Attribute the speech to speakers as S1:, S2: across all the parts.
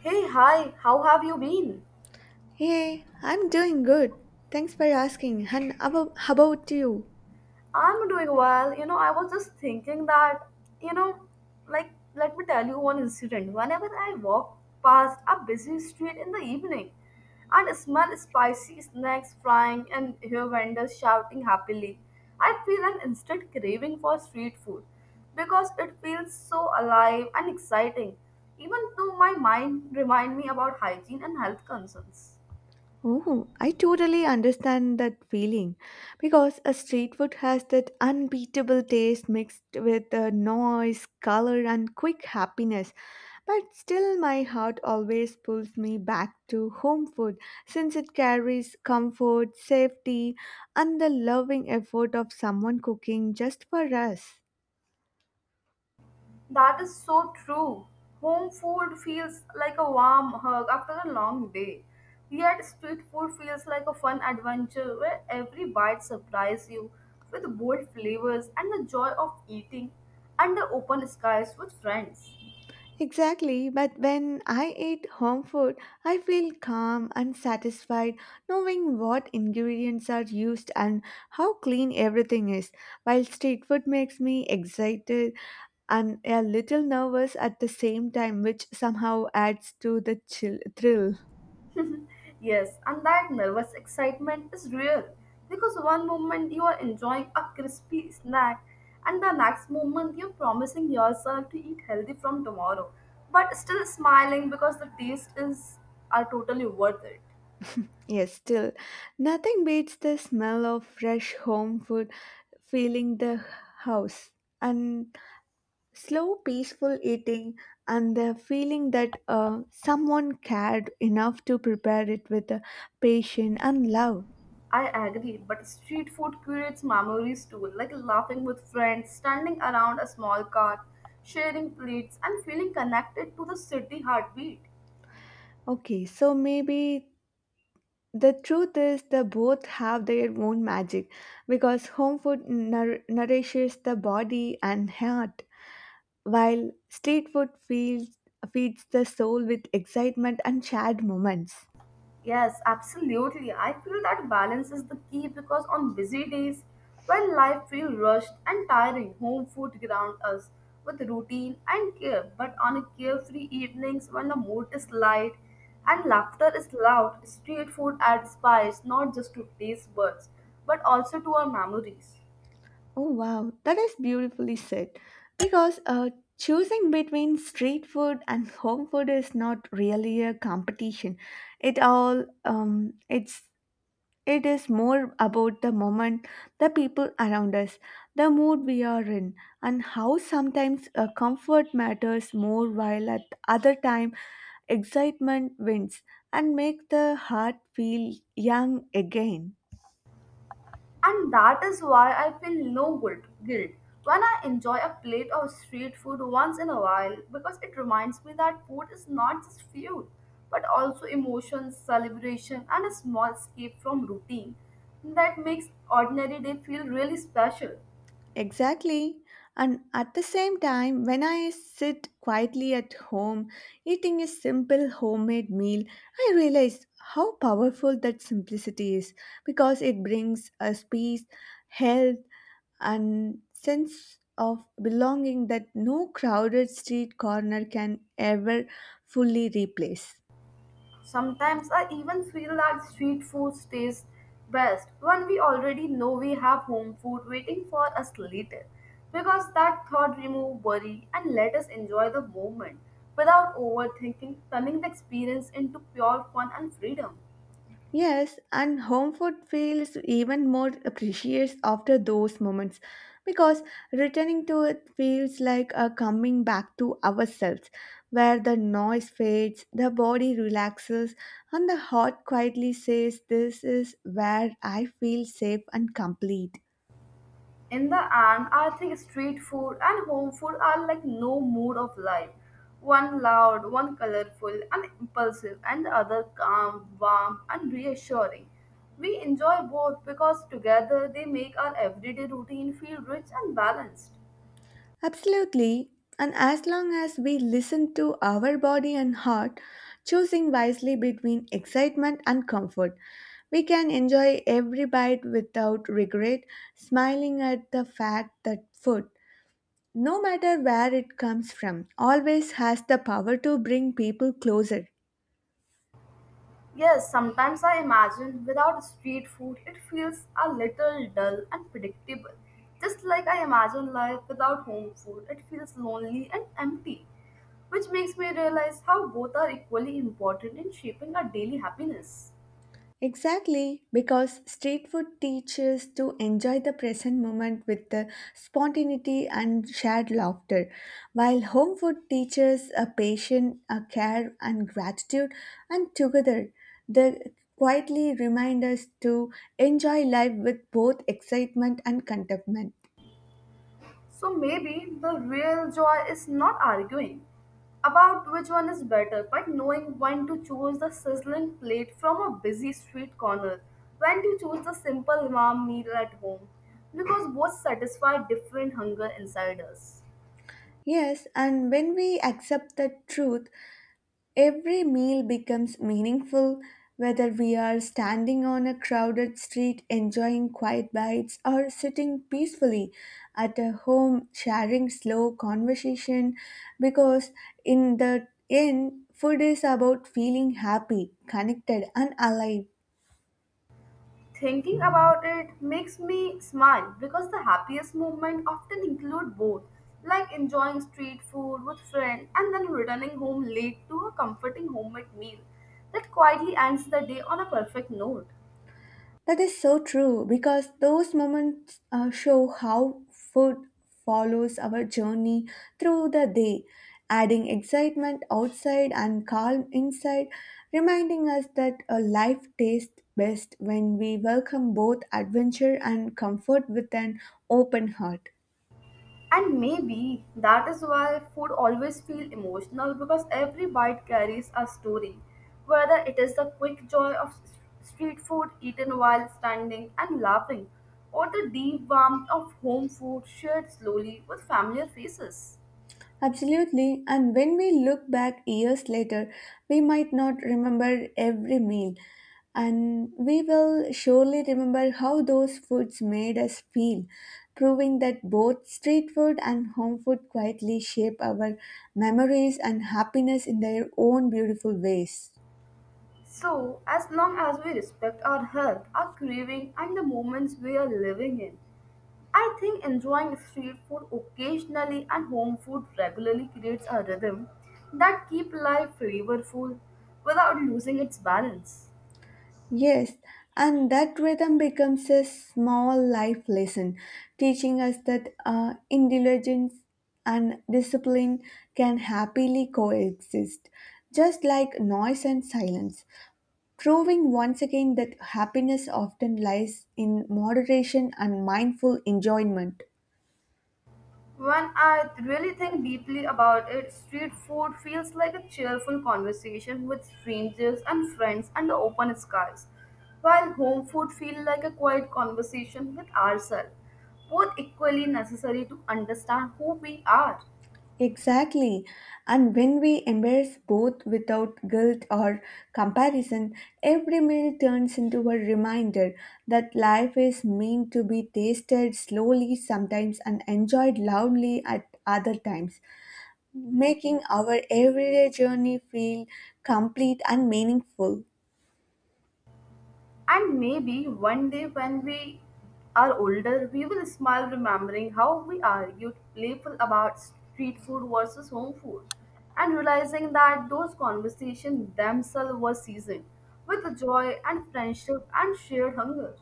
S1: Hey, hi, how have you been?
S2: Hey, I'm doing good. Thanks for asking. And how about you?
S1: I'm doing well. You know, I was just thinking that, you know, like, let me tell you one incident. Whenever I walk past a busy street in the evening and smell spicy snacks frying and hear vendors shouting happily, I feel an instant craving for street food because it feels so alive and exciting, even though my mind remind me about hygiene and health concerns.
S2: Oh, I totally understand that feeling because a street food has that unbeatable taste mixed with the noise, color, and quick happiness. But still, my heart always pulls me back to home food since it carries comfort, safety, and the loving effort of someone cooking just for us.
S1: That is so true. Home food feels like a warm hug after a long day. Yet street food feels like a fun adventure where every bite surprises you with bold flavors and the joy of eating under open skies with friends.
S2: Exactly, but when I eat home food, I feel calm and satisfied knowing what ingredients are used and how clean everything is. While street food makes me excited and a little nervous at the same time, which somehow adds to the chill thrill.
S1: Yes, and that nervous excitement is real because one moment you are enjoying a crispy snack, and the next moment you're promising yourself to eat healthy from tomorrow, but still smiling because the taste is are totally worth it.
S2: Yes, still, nothing beats the smell of fresh home food filling the house. And slow, peaceful eating and the feeling that someone cared enough to prepare it with patience and love.
S1: I agree, but street food creates memories too, like laughing with friends, standing around a small cart, sharing plates, and feeling connected to the city heartbeat.
S2: Okay, so maybe the truth is they both have their own magic because home food nourishes the body and heart, while street food feeds the soul with excitement and shared moments.
S1: Yes, absolutely. I feel that balance is the key because on busy days, when life feels rushed and tiring, home food grounds us with routine and care. But on a carefree evenings, when the mood is light and laughter is loud, street food adds spice not just to taste buds, but also to our memories.
S2: Oh wow, that is beautifully said. Because choosing between street food and home food is not really a competition. It all it's it is more about the moment, the people around us, the mood we are in, and how sometimes comfort matters more, while at other time excitement wins and make the heart feel young again.
S1: And that is why I feel no guilt when I enjoy a plate of street food once in a while because it reminds me that food is not just food but also emotions, celebration, and a small escape from routine that makes ordinary day feel really special.
S2: Exactly. And at the same time, when I sit quietly at home eating a simple homemade meal, I realize how powerful that simplicity is because it brings us peace, health, and sense of belonging that no crowded street corner can ever fully replace.
S1: Sometimes I even feel that street food tastes best when we already know we have home food waiting for us later. Because that thought removes worry and let us enjoy the moment without overthinking, turning the experience into pure fun and freedom.
S2: Yes, and home food feels even more precious after those moments because returning to it feels like a coming back to ourselves, where the noise fades, the body relaxes, and the heart quietly says, this is where I feel safe and complete.
S1: In the end, I think street food and home food are like no mood of life. One loud, one colorful and impulsive, and the other calm, warm, and reassuring. We enjoy both because together they make our everyday routine feel rich and balanced.
S2: Absolutely. And as long as we listen to our body and heart, choosing wisely between excitement and comfort, we can enjoy every bite without regret, smiling at the fact that food, no matter where it comes from, always has the power to bring people closer.
S1: Yes, sometimes I imagine without street food it feels a little dull and predictable. Just like I imagine life without home food, it feels lonely and empty, which makes me realize how both are equally important in shaping our daily happiness.
S2: Exactly, because street food teaches to enjoy the present moment with the spontaneity and shared laughter, while home food teaches a patience, a care, and gratitude, and together they quietly remind us to enjoy life with both excitement and contentment.
S1: So maybe the real joy is not arguing about which one is better, but knowing when to choose the sizzling plate from a busy street corner, when to choose the simple warm meal at home, because both satisfy different hunger inside us.
S2: Yes, and when we accept the truth, every meal becomes meaningful whether we are standing on a crowded street enjoying quiet bites or sitting peacefully at a home sharing slow conversation, because in the end food is about feeling happy, connected and alive.
S1: Thinking about it makes me smile because the happiest moments often include both, like enjoying street food with friends and then returning home late to a comforting homemade meal that quietly ends the day on a perfect note.
S2: That is so true because those moments show how food follows our journey through the day, adding excitement outside and calm inside, reminding us that a life tastes best when we welcome both adventure and comfort with an open heart.
S1: And maybe that is why food always feels emotional because every bite carries a story. Whether it is the quick joy of street food eaten while standing and laughing, or the deep warmth of home food shared slowly with familiar faces.
S2: Absolutely, and when we look back years later, we might not remember every meal, and we will surely remember how those foods made us feel, proving that both street food and home food quietly shape our memories and happiness in their own beautiful ways.
S1: So, as long as we respect our health, our craving, and the moments we are living in, I think enjoying street food occasionally and home food regularly creates a rhythm that keep life flavorful without losing its balance.
S2: Yes, and that rhythm becomes a small life lesson, teaching us that intelligence and discipline can happily coexist, just like noise and silence, proving once again that happiness often lies in moderation and mindful enjoyment.
S1: When I really think deeply about it, street food feels like a cheerful conversation with strangers and friends under open skies, while home food feels like a quiet conversation with ourselves, both equally necessary to understand who we are.
S2: Exactly. And when we embrace both without guilt or comparison, every meal turns into a reminder that life is meant to be tasted slowly sometimes and enjoyed loudly at other times, making our everyday journey feel complete and meaningful.
S1: And maybe one day when we are older, we will smile remembering how we argued playful about street food versus home food and realizing that those conversations themselves were seasoned with joy and friendship and shared hunger.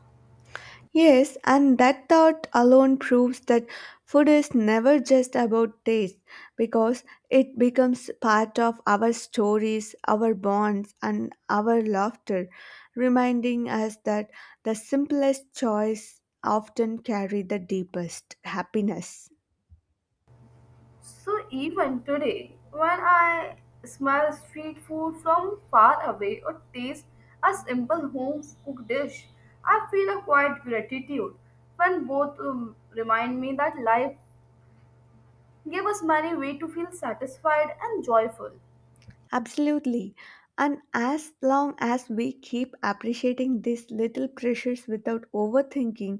S2: Yes, and that thought alone proves that food is never just about taste because it becomes part of our stories, our bonds, and our laughter, reminding us that the simplest choice often carry the deepest happiness.
S1: So even today, when I smell street food from far away or taste a simple home cooked dish, I feel a quiet gratitude when both remind me that life gave us many ways to feel satisfied and joyful.
S2: Absolutely. And as long as we keep appreciating these little pleasures without overthinking,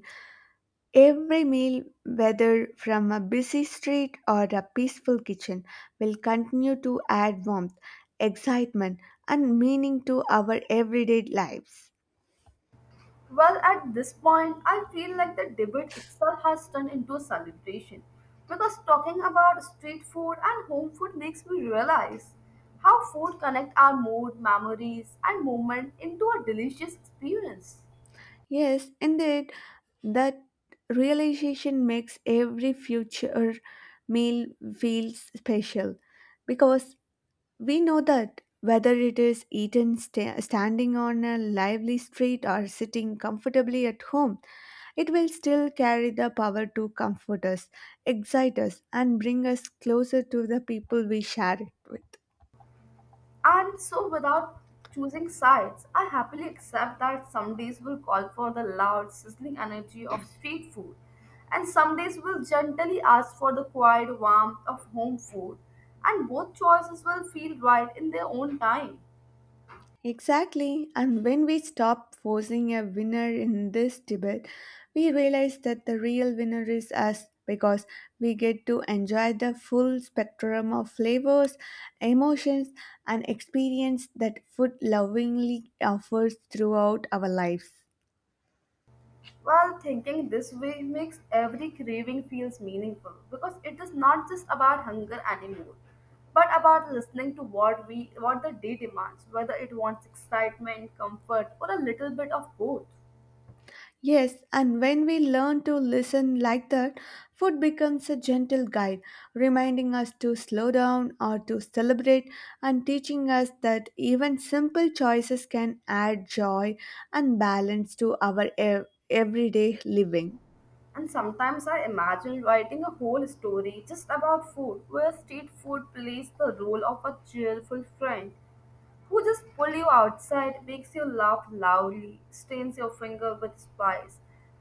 S2: every meal, whether from a busy street or a peaceful kitchen, will continue to add warmth, excitement, and meaning to our everyday lives.
S1: Well, at this point, I feel like the debate itself has turned into a celebration because talking about street food and home food makes me realize how food connect our mood, memories, and moment into a delicious experience.
S2: Yes, indeed, that realization makes every future meal feel special because we know that whether it is eaten standing on a lively street or sitting comfortably at home, it will still carry the power to comfort us, excite us, and bring us closer to the people we share it with.
S1: And so, without choosing sides, I happily accept that some days will call for the loud, sizzling energy of street food, and some days will gently ask for the quiet warmth of home food, and both choices will feel right in their own time.
S2: Exactly, and when we stop forcing a winner in this debate, we realize that the real winner is us because we get to enjoy the full spectrum of flavors, emotions, and experience that food lovingly offers throughout our lives.
S1: Well, thinking this way makes every craving feels meaningful because it is not just about hunger anymore, but about listening to what the day demands, whether it wants excitement, comfort, or a little bit of both.
S2: Yes, and when we learn to listen like that, food becomes a gentle guide, reminding us to slow down or to celebrate, and teaching us that even simple choices can add joy and balance to our everyday living.
S1: And sometimes I imagine writing a whole story just about food, where street food plays the role of a cheerful friend who just pulls you outside, makes you laugh loudly, stains your finger with spice,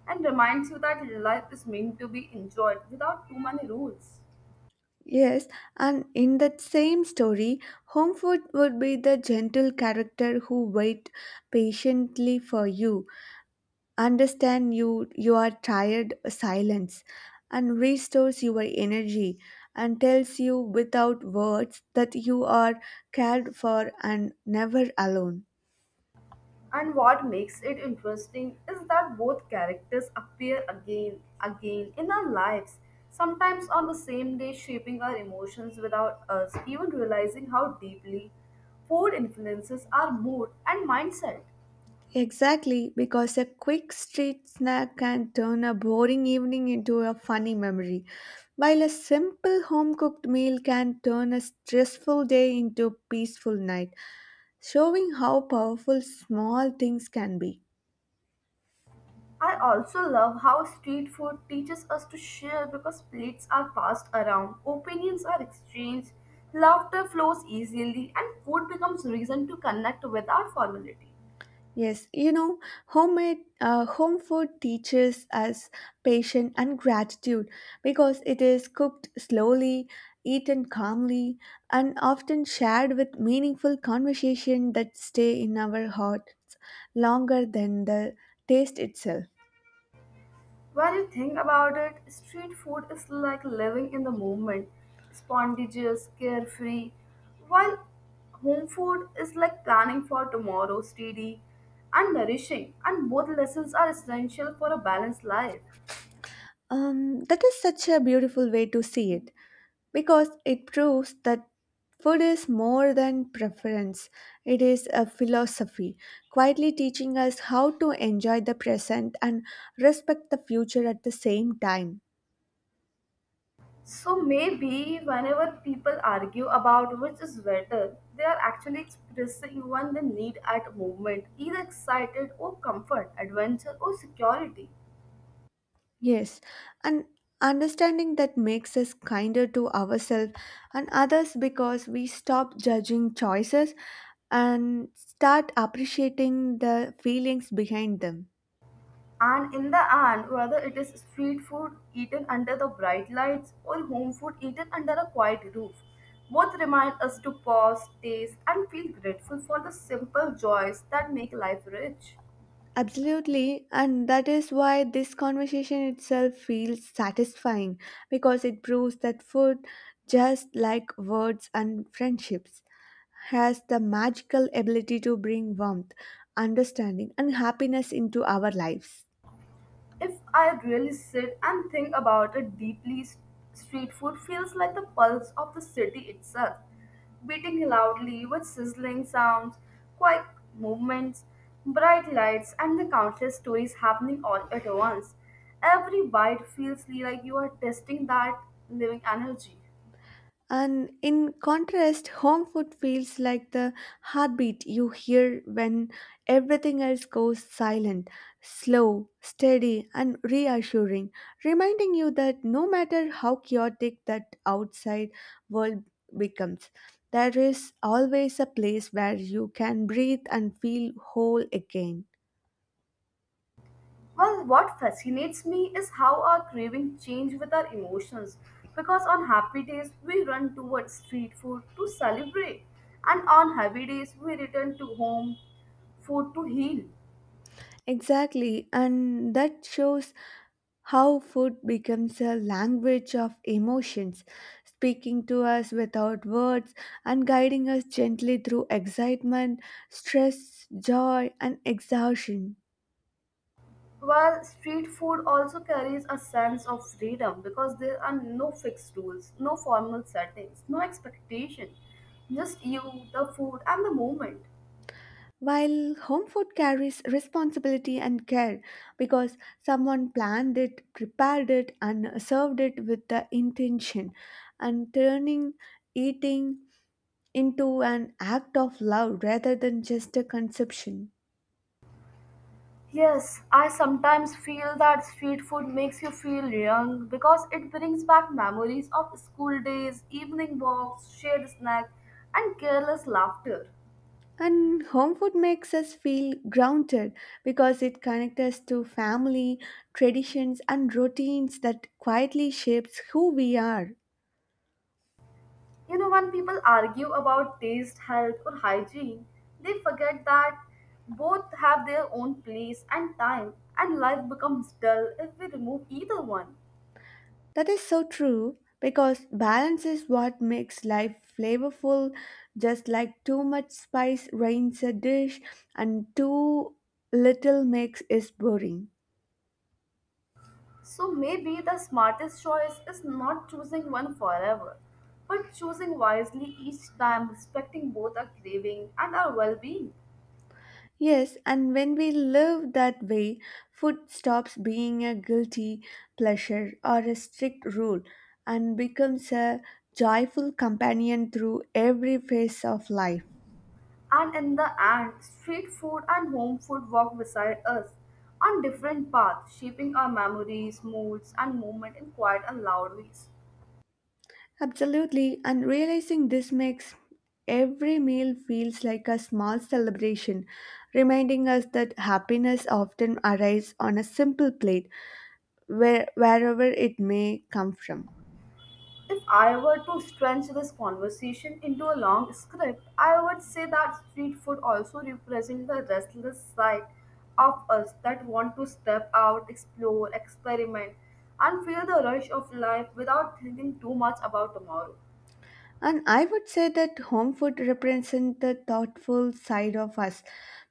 S1: and reminds you that life is meant to be enjoyed without too many rules.
S2: Yes, and in that same story, home food would be the gentle character who wait patiently for you understand you are tired silence and restores your energy and tells you without words that you are cared for and never alone.
S1: And what makes it interesting is that both characters appear again in our lives, sometimes on the same day shaping our emotions without us even realizing how deeply food influences our mood and mindset.
S2: Exactly, because a quick street snack can turn a boring evening into a funny memory while a simple home cooked meal can turn a stressful day into a peaceful night, showing how powerful small things can be.
S1: I also love how street food teaches us to share because plates are passed around, opinions are exchanged, laughter flows easily and food becomes reason to connect without formality.
S2: Yes, you know, home food teaches us patience and gratitude because it is cooked slowly, eaten calmly, and often shared with meaningful conversation that stay in our hearts longer than the taste itself.
S1: When you think about it, street food is like living in the moment, spontaneous, carefree, while home food is like planning for tomorrow, steady and nourishing, and both lessons are essential for a balanced life.
S2: That is such a beautiful way to see it, because it proves that food is more than preference. It is a philosophy, quietly teaching us how to enjoy the present and respect the future at the same time.
S1: So maybe whenever people argue about which is better, they are actually expressing one they need at a moment, either excited or comfort, adventure or security.
S2: Yes, and understanding that makes us kinder to ourselves and others because we stop judging choices and start appreciating the feelings behind them.
S1: And in the end, whether it is street food eaten under the bright lights or home food eaten under a quiet roof, both remind us to pause, taste, and feel grateful for the simple joys that make life rich.
S2: Absolutely, and that is why this conversation itself feels satisfying because it proves that food, just like words and friendships, has the magical ability to bring warmth, understanding, and happiness into our lives.
S1: If I really sit and think about it deeply, street food feels like the pulse of the city itself, beating loudly with sizzling sounds, quick movements, bright lights, and the countless stories happening all at once. Every bite feels like you are tasting that living energy.
S2: And in contrast, home food feels like the heartbeat you hear when everything else goes silent, slow, steady, and reassuring, reminding you that no matter how chaotic that outside world becomes, there is always a place where you can breathe and feel whole again.
S1: Well, what fascinates me is how our cravings change with our emotions. Because on happy days, we run towards street food to celebrate, and on heavy days, we return to home food to heal.
S2: Exactly, and that shows how food becomes a language of emotions, speaking to us without words and guiding us gently through excitement, stress, joy, and exhaustion.
S1: While street food also carries a sense of freedom because there are no fixed rules, no formal settings, no expectation, just you, the food, and the moment.
S2: While home food carries responsibility and care because someone planned it, prepared it, and served it with the intention, and turning eating into an act of love rather than just a consumption.
S1: Yes, I sometimes feel that street food makes you feel young because it brings back memories of school days, evening walks, shared snacks, and careless laughter.
S2: And home food makes us feel grounded because it connects us to family, traditions, and routines that quietly shapes who we are.
S1: You know, when people argue about taste, health, or hygiene, they forget that both have their own place and time, and life becomes dull if we remove either one.
S2: That is so true because balance is what makes life flavorful, just like too much spice ruins a dish and too little makes it boring.
S1: So maybe the smartest choice is not choosing one forever, but choosing wisely each time, respecting both our craving and our well being.
S2: Yes, and when we live that way, food stops being a guilty pleasure or a strict rule and becomes a joyful companion through every phase of life.
S1: And in the end, street food and home food walk beside us on different paths, shaping our memories, moods, and movement in quiet and loud ways.
S2: Absolutely, and realizing this makes every meal feels like a small celebration, reminding us that happiness often arrives on a simple plate where, wherever it may come from.
S1: If I were to stretch this conversation into a long script, I would say that street food also represents the restless side of us that want to step out, explore, experiment, and feel the rush of life without thinking too much about tomorrow.
S2: And I would say that home food represents the thoughtful side of us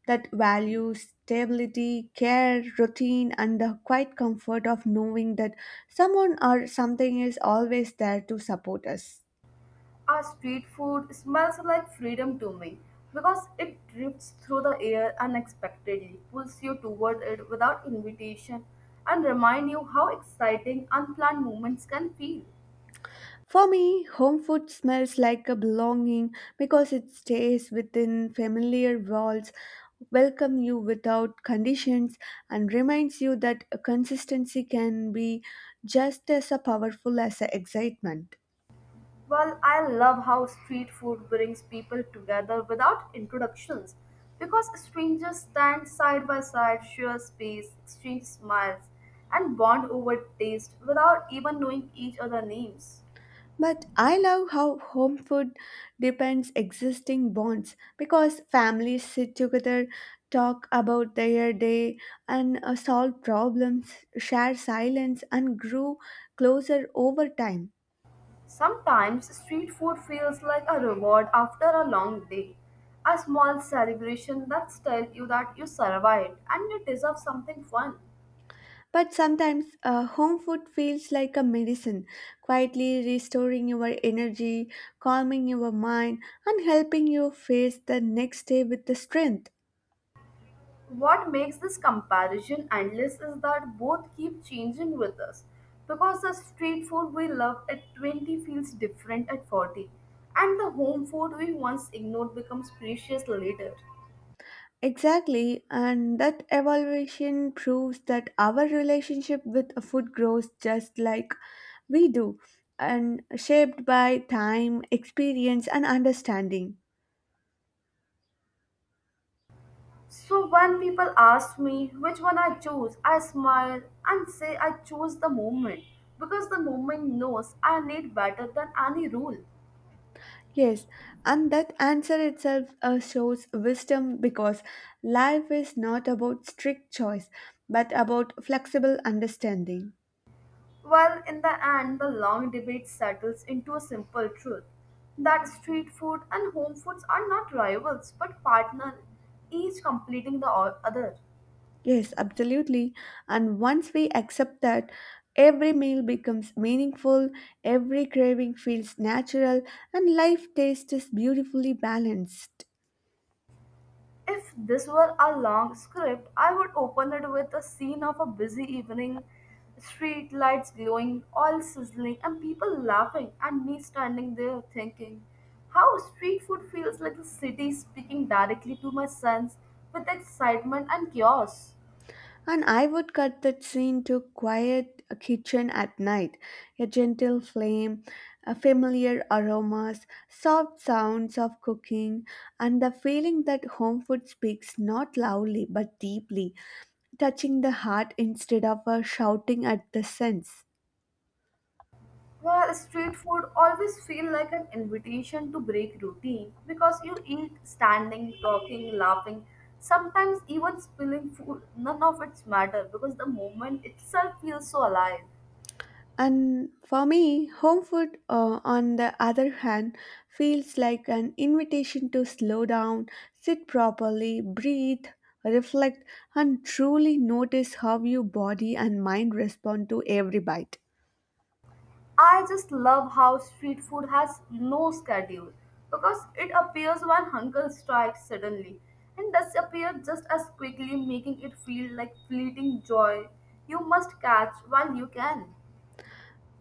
S2: that values stability, care, routine, and the quiet comfort of knowing that someone or something is always there to support us.
S1: Our street food smells like freedom to me because it drifts through the air unexpectedly, pulls you toward it without invitation, and reminds you how exciting unplanned moments can feel.
S2: For me, home food smells like a belonging because it stays within familiar walls, welcomes you without conditions, and reminds you that a consistency can be just as a powerful as a excitement.
S1: Well, I love how street food brings people together without introductions because strangers stand side by side, share space, exchange smiles, and bond over taste without even knowing each other's names.
S2: But I love how home food depends existing bonds because families sit together, talk about their day, and solve problems, share silence, and grow closer over time.
S1: Sometimes street food feels like a reward after a long day, a small celebration that tells you that you survived and you deserve something fun.
S2: But sometimes home food feels like a medicine, quietly restoring your energy, calming your mind, and helping you face the next day with the strength.
S1: What makes this comparison endless is that both keep changing with us because the street food we love at 20 feels different at 40 and the home food we once ignored becomes precious later.
S2: Exactly, and that evaluation proves that our relationship with food grows just like we do and shaped by time, experience, and understanding.
S1: So when people ask me which one I choose, I smile and say I choose the moment because the moment knows I need better than any rule.
S2: Yes, and that answer itself shows wisdom because life is not about strict choice but about flexible understanding.
S1: Well, in the end, the long debate settles into a simple truth that street food and home foods are not rivals but partners, each completing the other.
S2: Yes, absolutely. And once we accept that, every meal becomes meaningful, every craving feels natural, and life taste is beautifully balanced.
S1: If this were a long script, I would open it with a scene of a busy evening, street lights glowing, oil sizzling, and people laughing, and me standing there thinking how street food feels like the city speaking directly to my sense with excitement and chaos.
S2: And I would cut that scene to quiet kitchen at night, a gentle flame, a familiar aromas, soft sounds of cooking, and the feeling that home food speaks not loudly but deeply, touching the heart instead of shouting at the sense.
S1: Well, street food always feel like an invitation to break routine because you eat standing, talking, laughing, sometimes even spilling food. None of it's matter because the moment itself feels so alive.
S2: And for me, home food, on the other hand, feels like an invitation to slow down, sit properly, breathe, reflect, and truly notice how your body and mind respond to every bite.
S1: I just love how street food has no schedule because it appears when hunger strikes suddenly and disappears just as quickly, making it feel like fleeting joy you must catch while you can.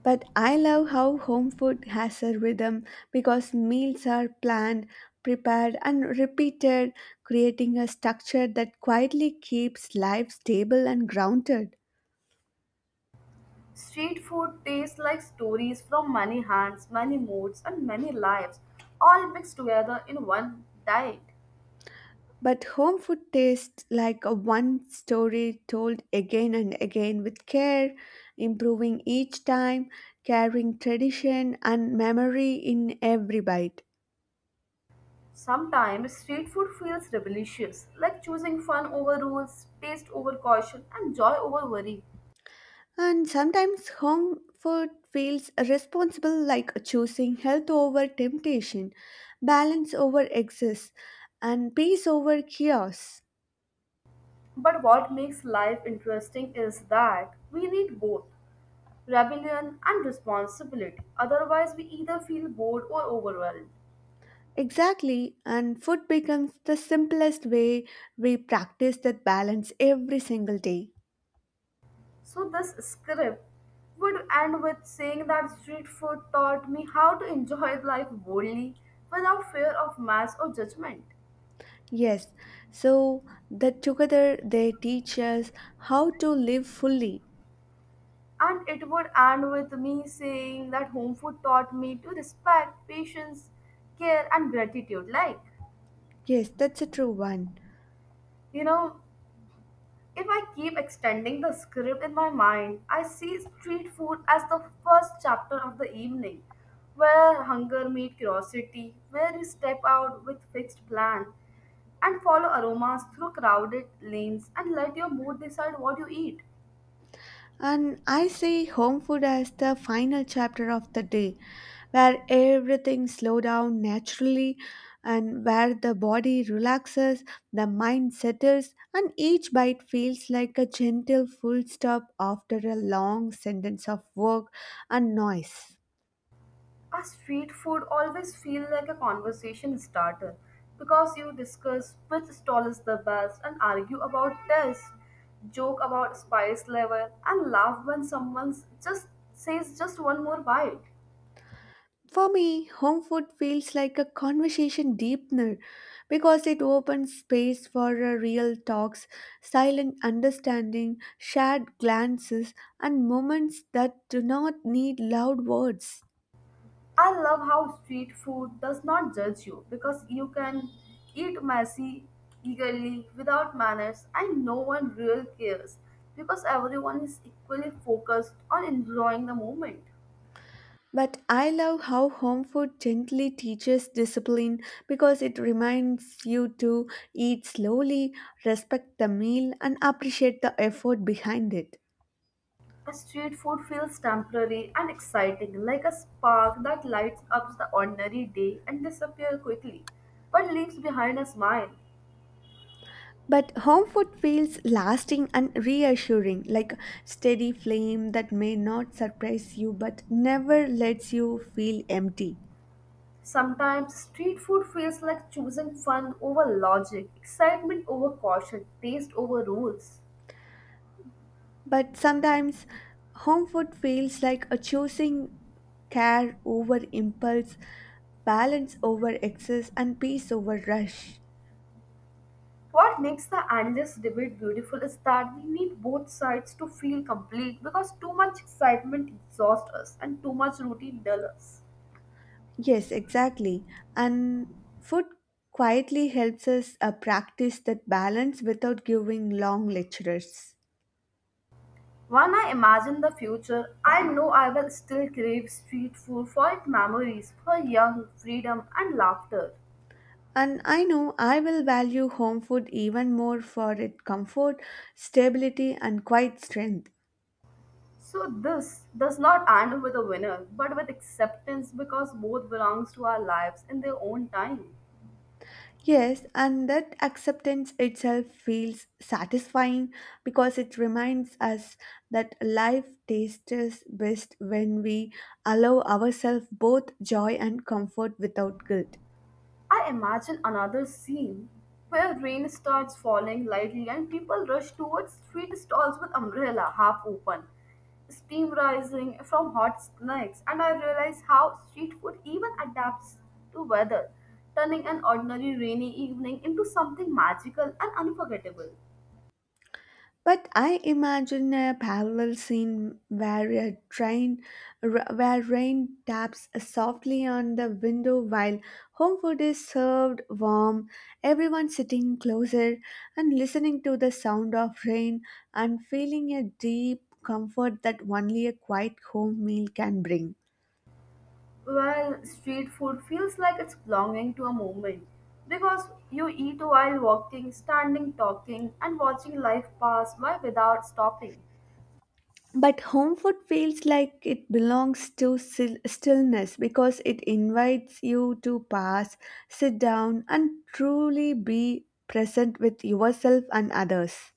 S2: But I love how home food has a rhythm because meals are planned, prepared, and repeated, creating a structure that quietly keeps life stable and grounded.
S1: Street food tastes like stories from many hands, many moods, and many lives, all mixed together in one diet.
S2: But home food tastes like a one story told again and again with care, improving each time, carrying tradition and memory in every bite.
S1: Sometimes street food feels rebellious, like choosing fun over rules, taste over caution, and joy over worry.
S2: And sometimes home food feels responsible like choosing health over temptation, balance over excess, and peace over chaos.
S1: But what makes life interesting is that we need both rebellion and responsibility. Otherwise, we either feel bored or overwhelmed.
S2: Exactly, and food becomes the simplest way we practice that balance every single day.
S1: So this script would end with saying that street food taught me how to enjoy life boldly without fear of mass or judgment.
S2: Yes, so that together they teach us how to live fully.
S1: And it would end with me saying that home food taught me to respect, patience, care, and gratitude.
S2: Yes, that's a true one.
S1: You know, If I keep extending the script in my mind, I see street food as the first chapter of the evening, where hunger meets curiosity, where you step out with fixed plan and follow aromas through crowded lanes and let your mood decide what you eat.
S2: And I see home food as the final chapter of the day, where everything slows down naturally and where the body relaxes, the mind settles, and each bite feels like a gentle full stop after a long sentence of work and noise.
S1: A street food always feel like a conversation starter because you discuss which stall is the best and argue about taste, joke about spice level, and laugh when someone just says just one more bite.
S2: For me, home food feels like a conversation deepener because it opens space for a real talks, silent understanding, shared glances, and moments that do not need loud words.
S1: I love how street food does not judge you because you can eat messy eagerly without manners and no one really cares because everyone is equally focused on enjoying the moment.
S2: But I love how home food gently teaches discipline because it reminds you to eat slowly, respect the meal, and appreciate the effort behind it.
S1: Street food feels temporary and exciting, like a spark that lights up the ordinary day and disappears quickly, but leaves behind a smile.
S2: But home food feels lasting and reassuring, like steady flame that may not surprise you but never lets you feel empty.
S1: Sometimes street food feels like choosing fun over logic, excitement over caution, taste over rules.
S2: But sometimes home food feels like a choosing care over impulse, balance over excess, and peace over rush.
S1: What makes the endless debate beautiful is that we need both sides to feel complete because too much excitement exhausts us and too much routine dulls us.
S2: Yes, exactly. And food quietly helps us practice that balance without giving long lectures.
S1: When I imagine the future, I know I will still crave street food for its memories, for young freedom and laughter.
S2: And I know I will value home food even more for its comfort, stability, and quiet strength.
S1: So this does not end with a winner, but with acceptance because both belongs to our lives in their own time.
S2: Yes, and that acceptance itself feels satisfying because it reminds us that life tastes best when we allow ourselves both joy and comfort without guilt.
S1: I imagine another scene where rain starts falling lightly and people rush towards street stalls with umbrella half open, steam rising from hot snacks, and I realize how street food even adapts to weather, turning an ordinary rainy evening into something magical and unforgettable.
S2: But I imagine a parallel scene where a where rain taps softly on the window while home food is served warm, everyone sitting closer and listening to the sound of rain and feeling a deep comfort that only a quiet home meal can bring.
S1: Well, street food feels like it's belonging to a moment because you eat while walking, standing, talking, and watching life pass by without stopping.
S2: But home food feels like it belongs to stillness because it invites you to pass, sit down, and truly be present with yourself and others.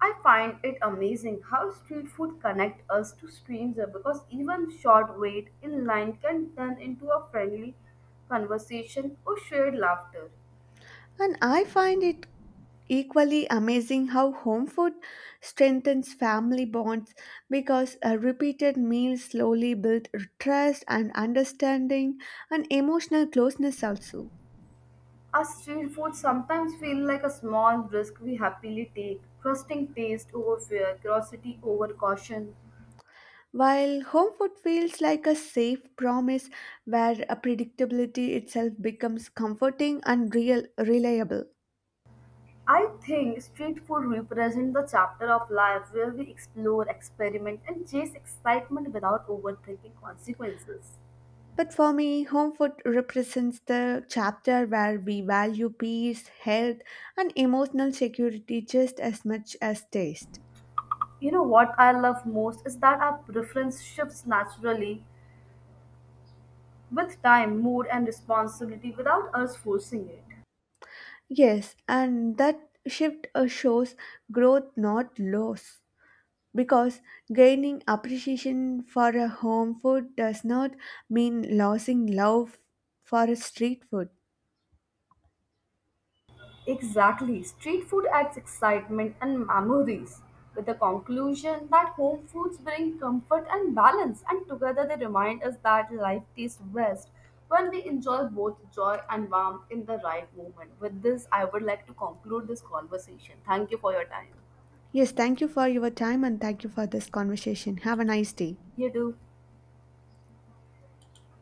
S1: I find it amazing how street food connect us to strangers because even short wait in line can turn into a friendly conversation or shared laughter.
S2: And I find it equally amazing how home food strengthens family bonds because a repeated meal slowly builds trust and understanding and emotional closeness also.
S1: Our street food sometimes feel like a small risk we happily take, trusting taste over fear, curiosity over caution.
S2: While home food feels like a safe promise where a predictability itself becomes comforting and real reliable.
S1: I think street food represents the chapter of life where we explore, experiment, and chase excitement without overthinking consequences.
S2: But for me, home food represents the chapter where we value peace, health, and emotional security just as much as taste.
S1: You know what I love most is that our preference shifts naturally with time, mood, and responsibility without us forcing it.
S2: Yes, and that shift shows growth, not loss. Because gaining appreciation for a home food does not mean losing love for a street food.
S1: Exactly. Street food adds excitement and memories, with the conclusion that home foods bring comfort and balance, and together they remind us that life tastes best when we enjoy both joy and warmth in the right moment. With this, I would like to conclude this conversation. Thank you for your time.
S2: Yes, thank you for your time and thank you for this conversation. Have a nice day.
S1: You too.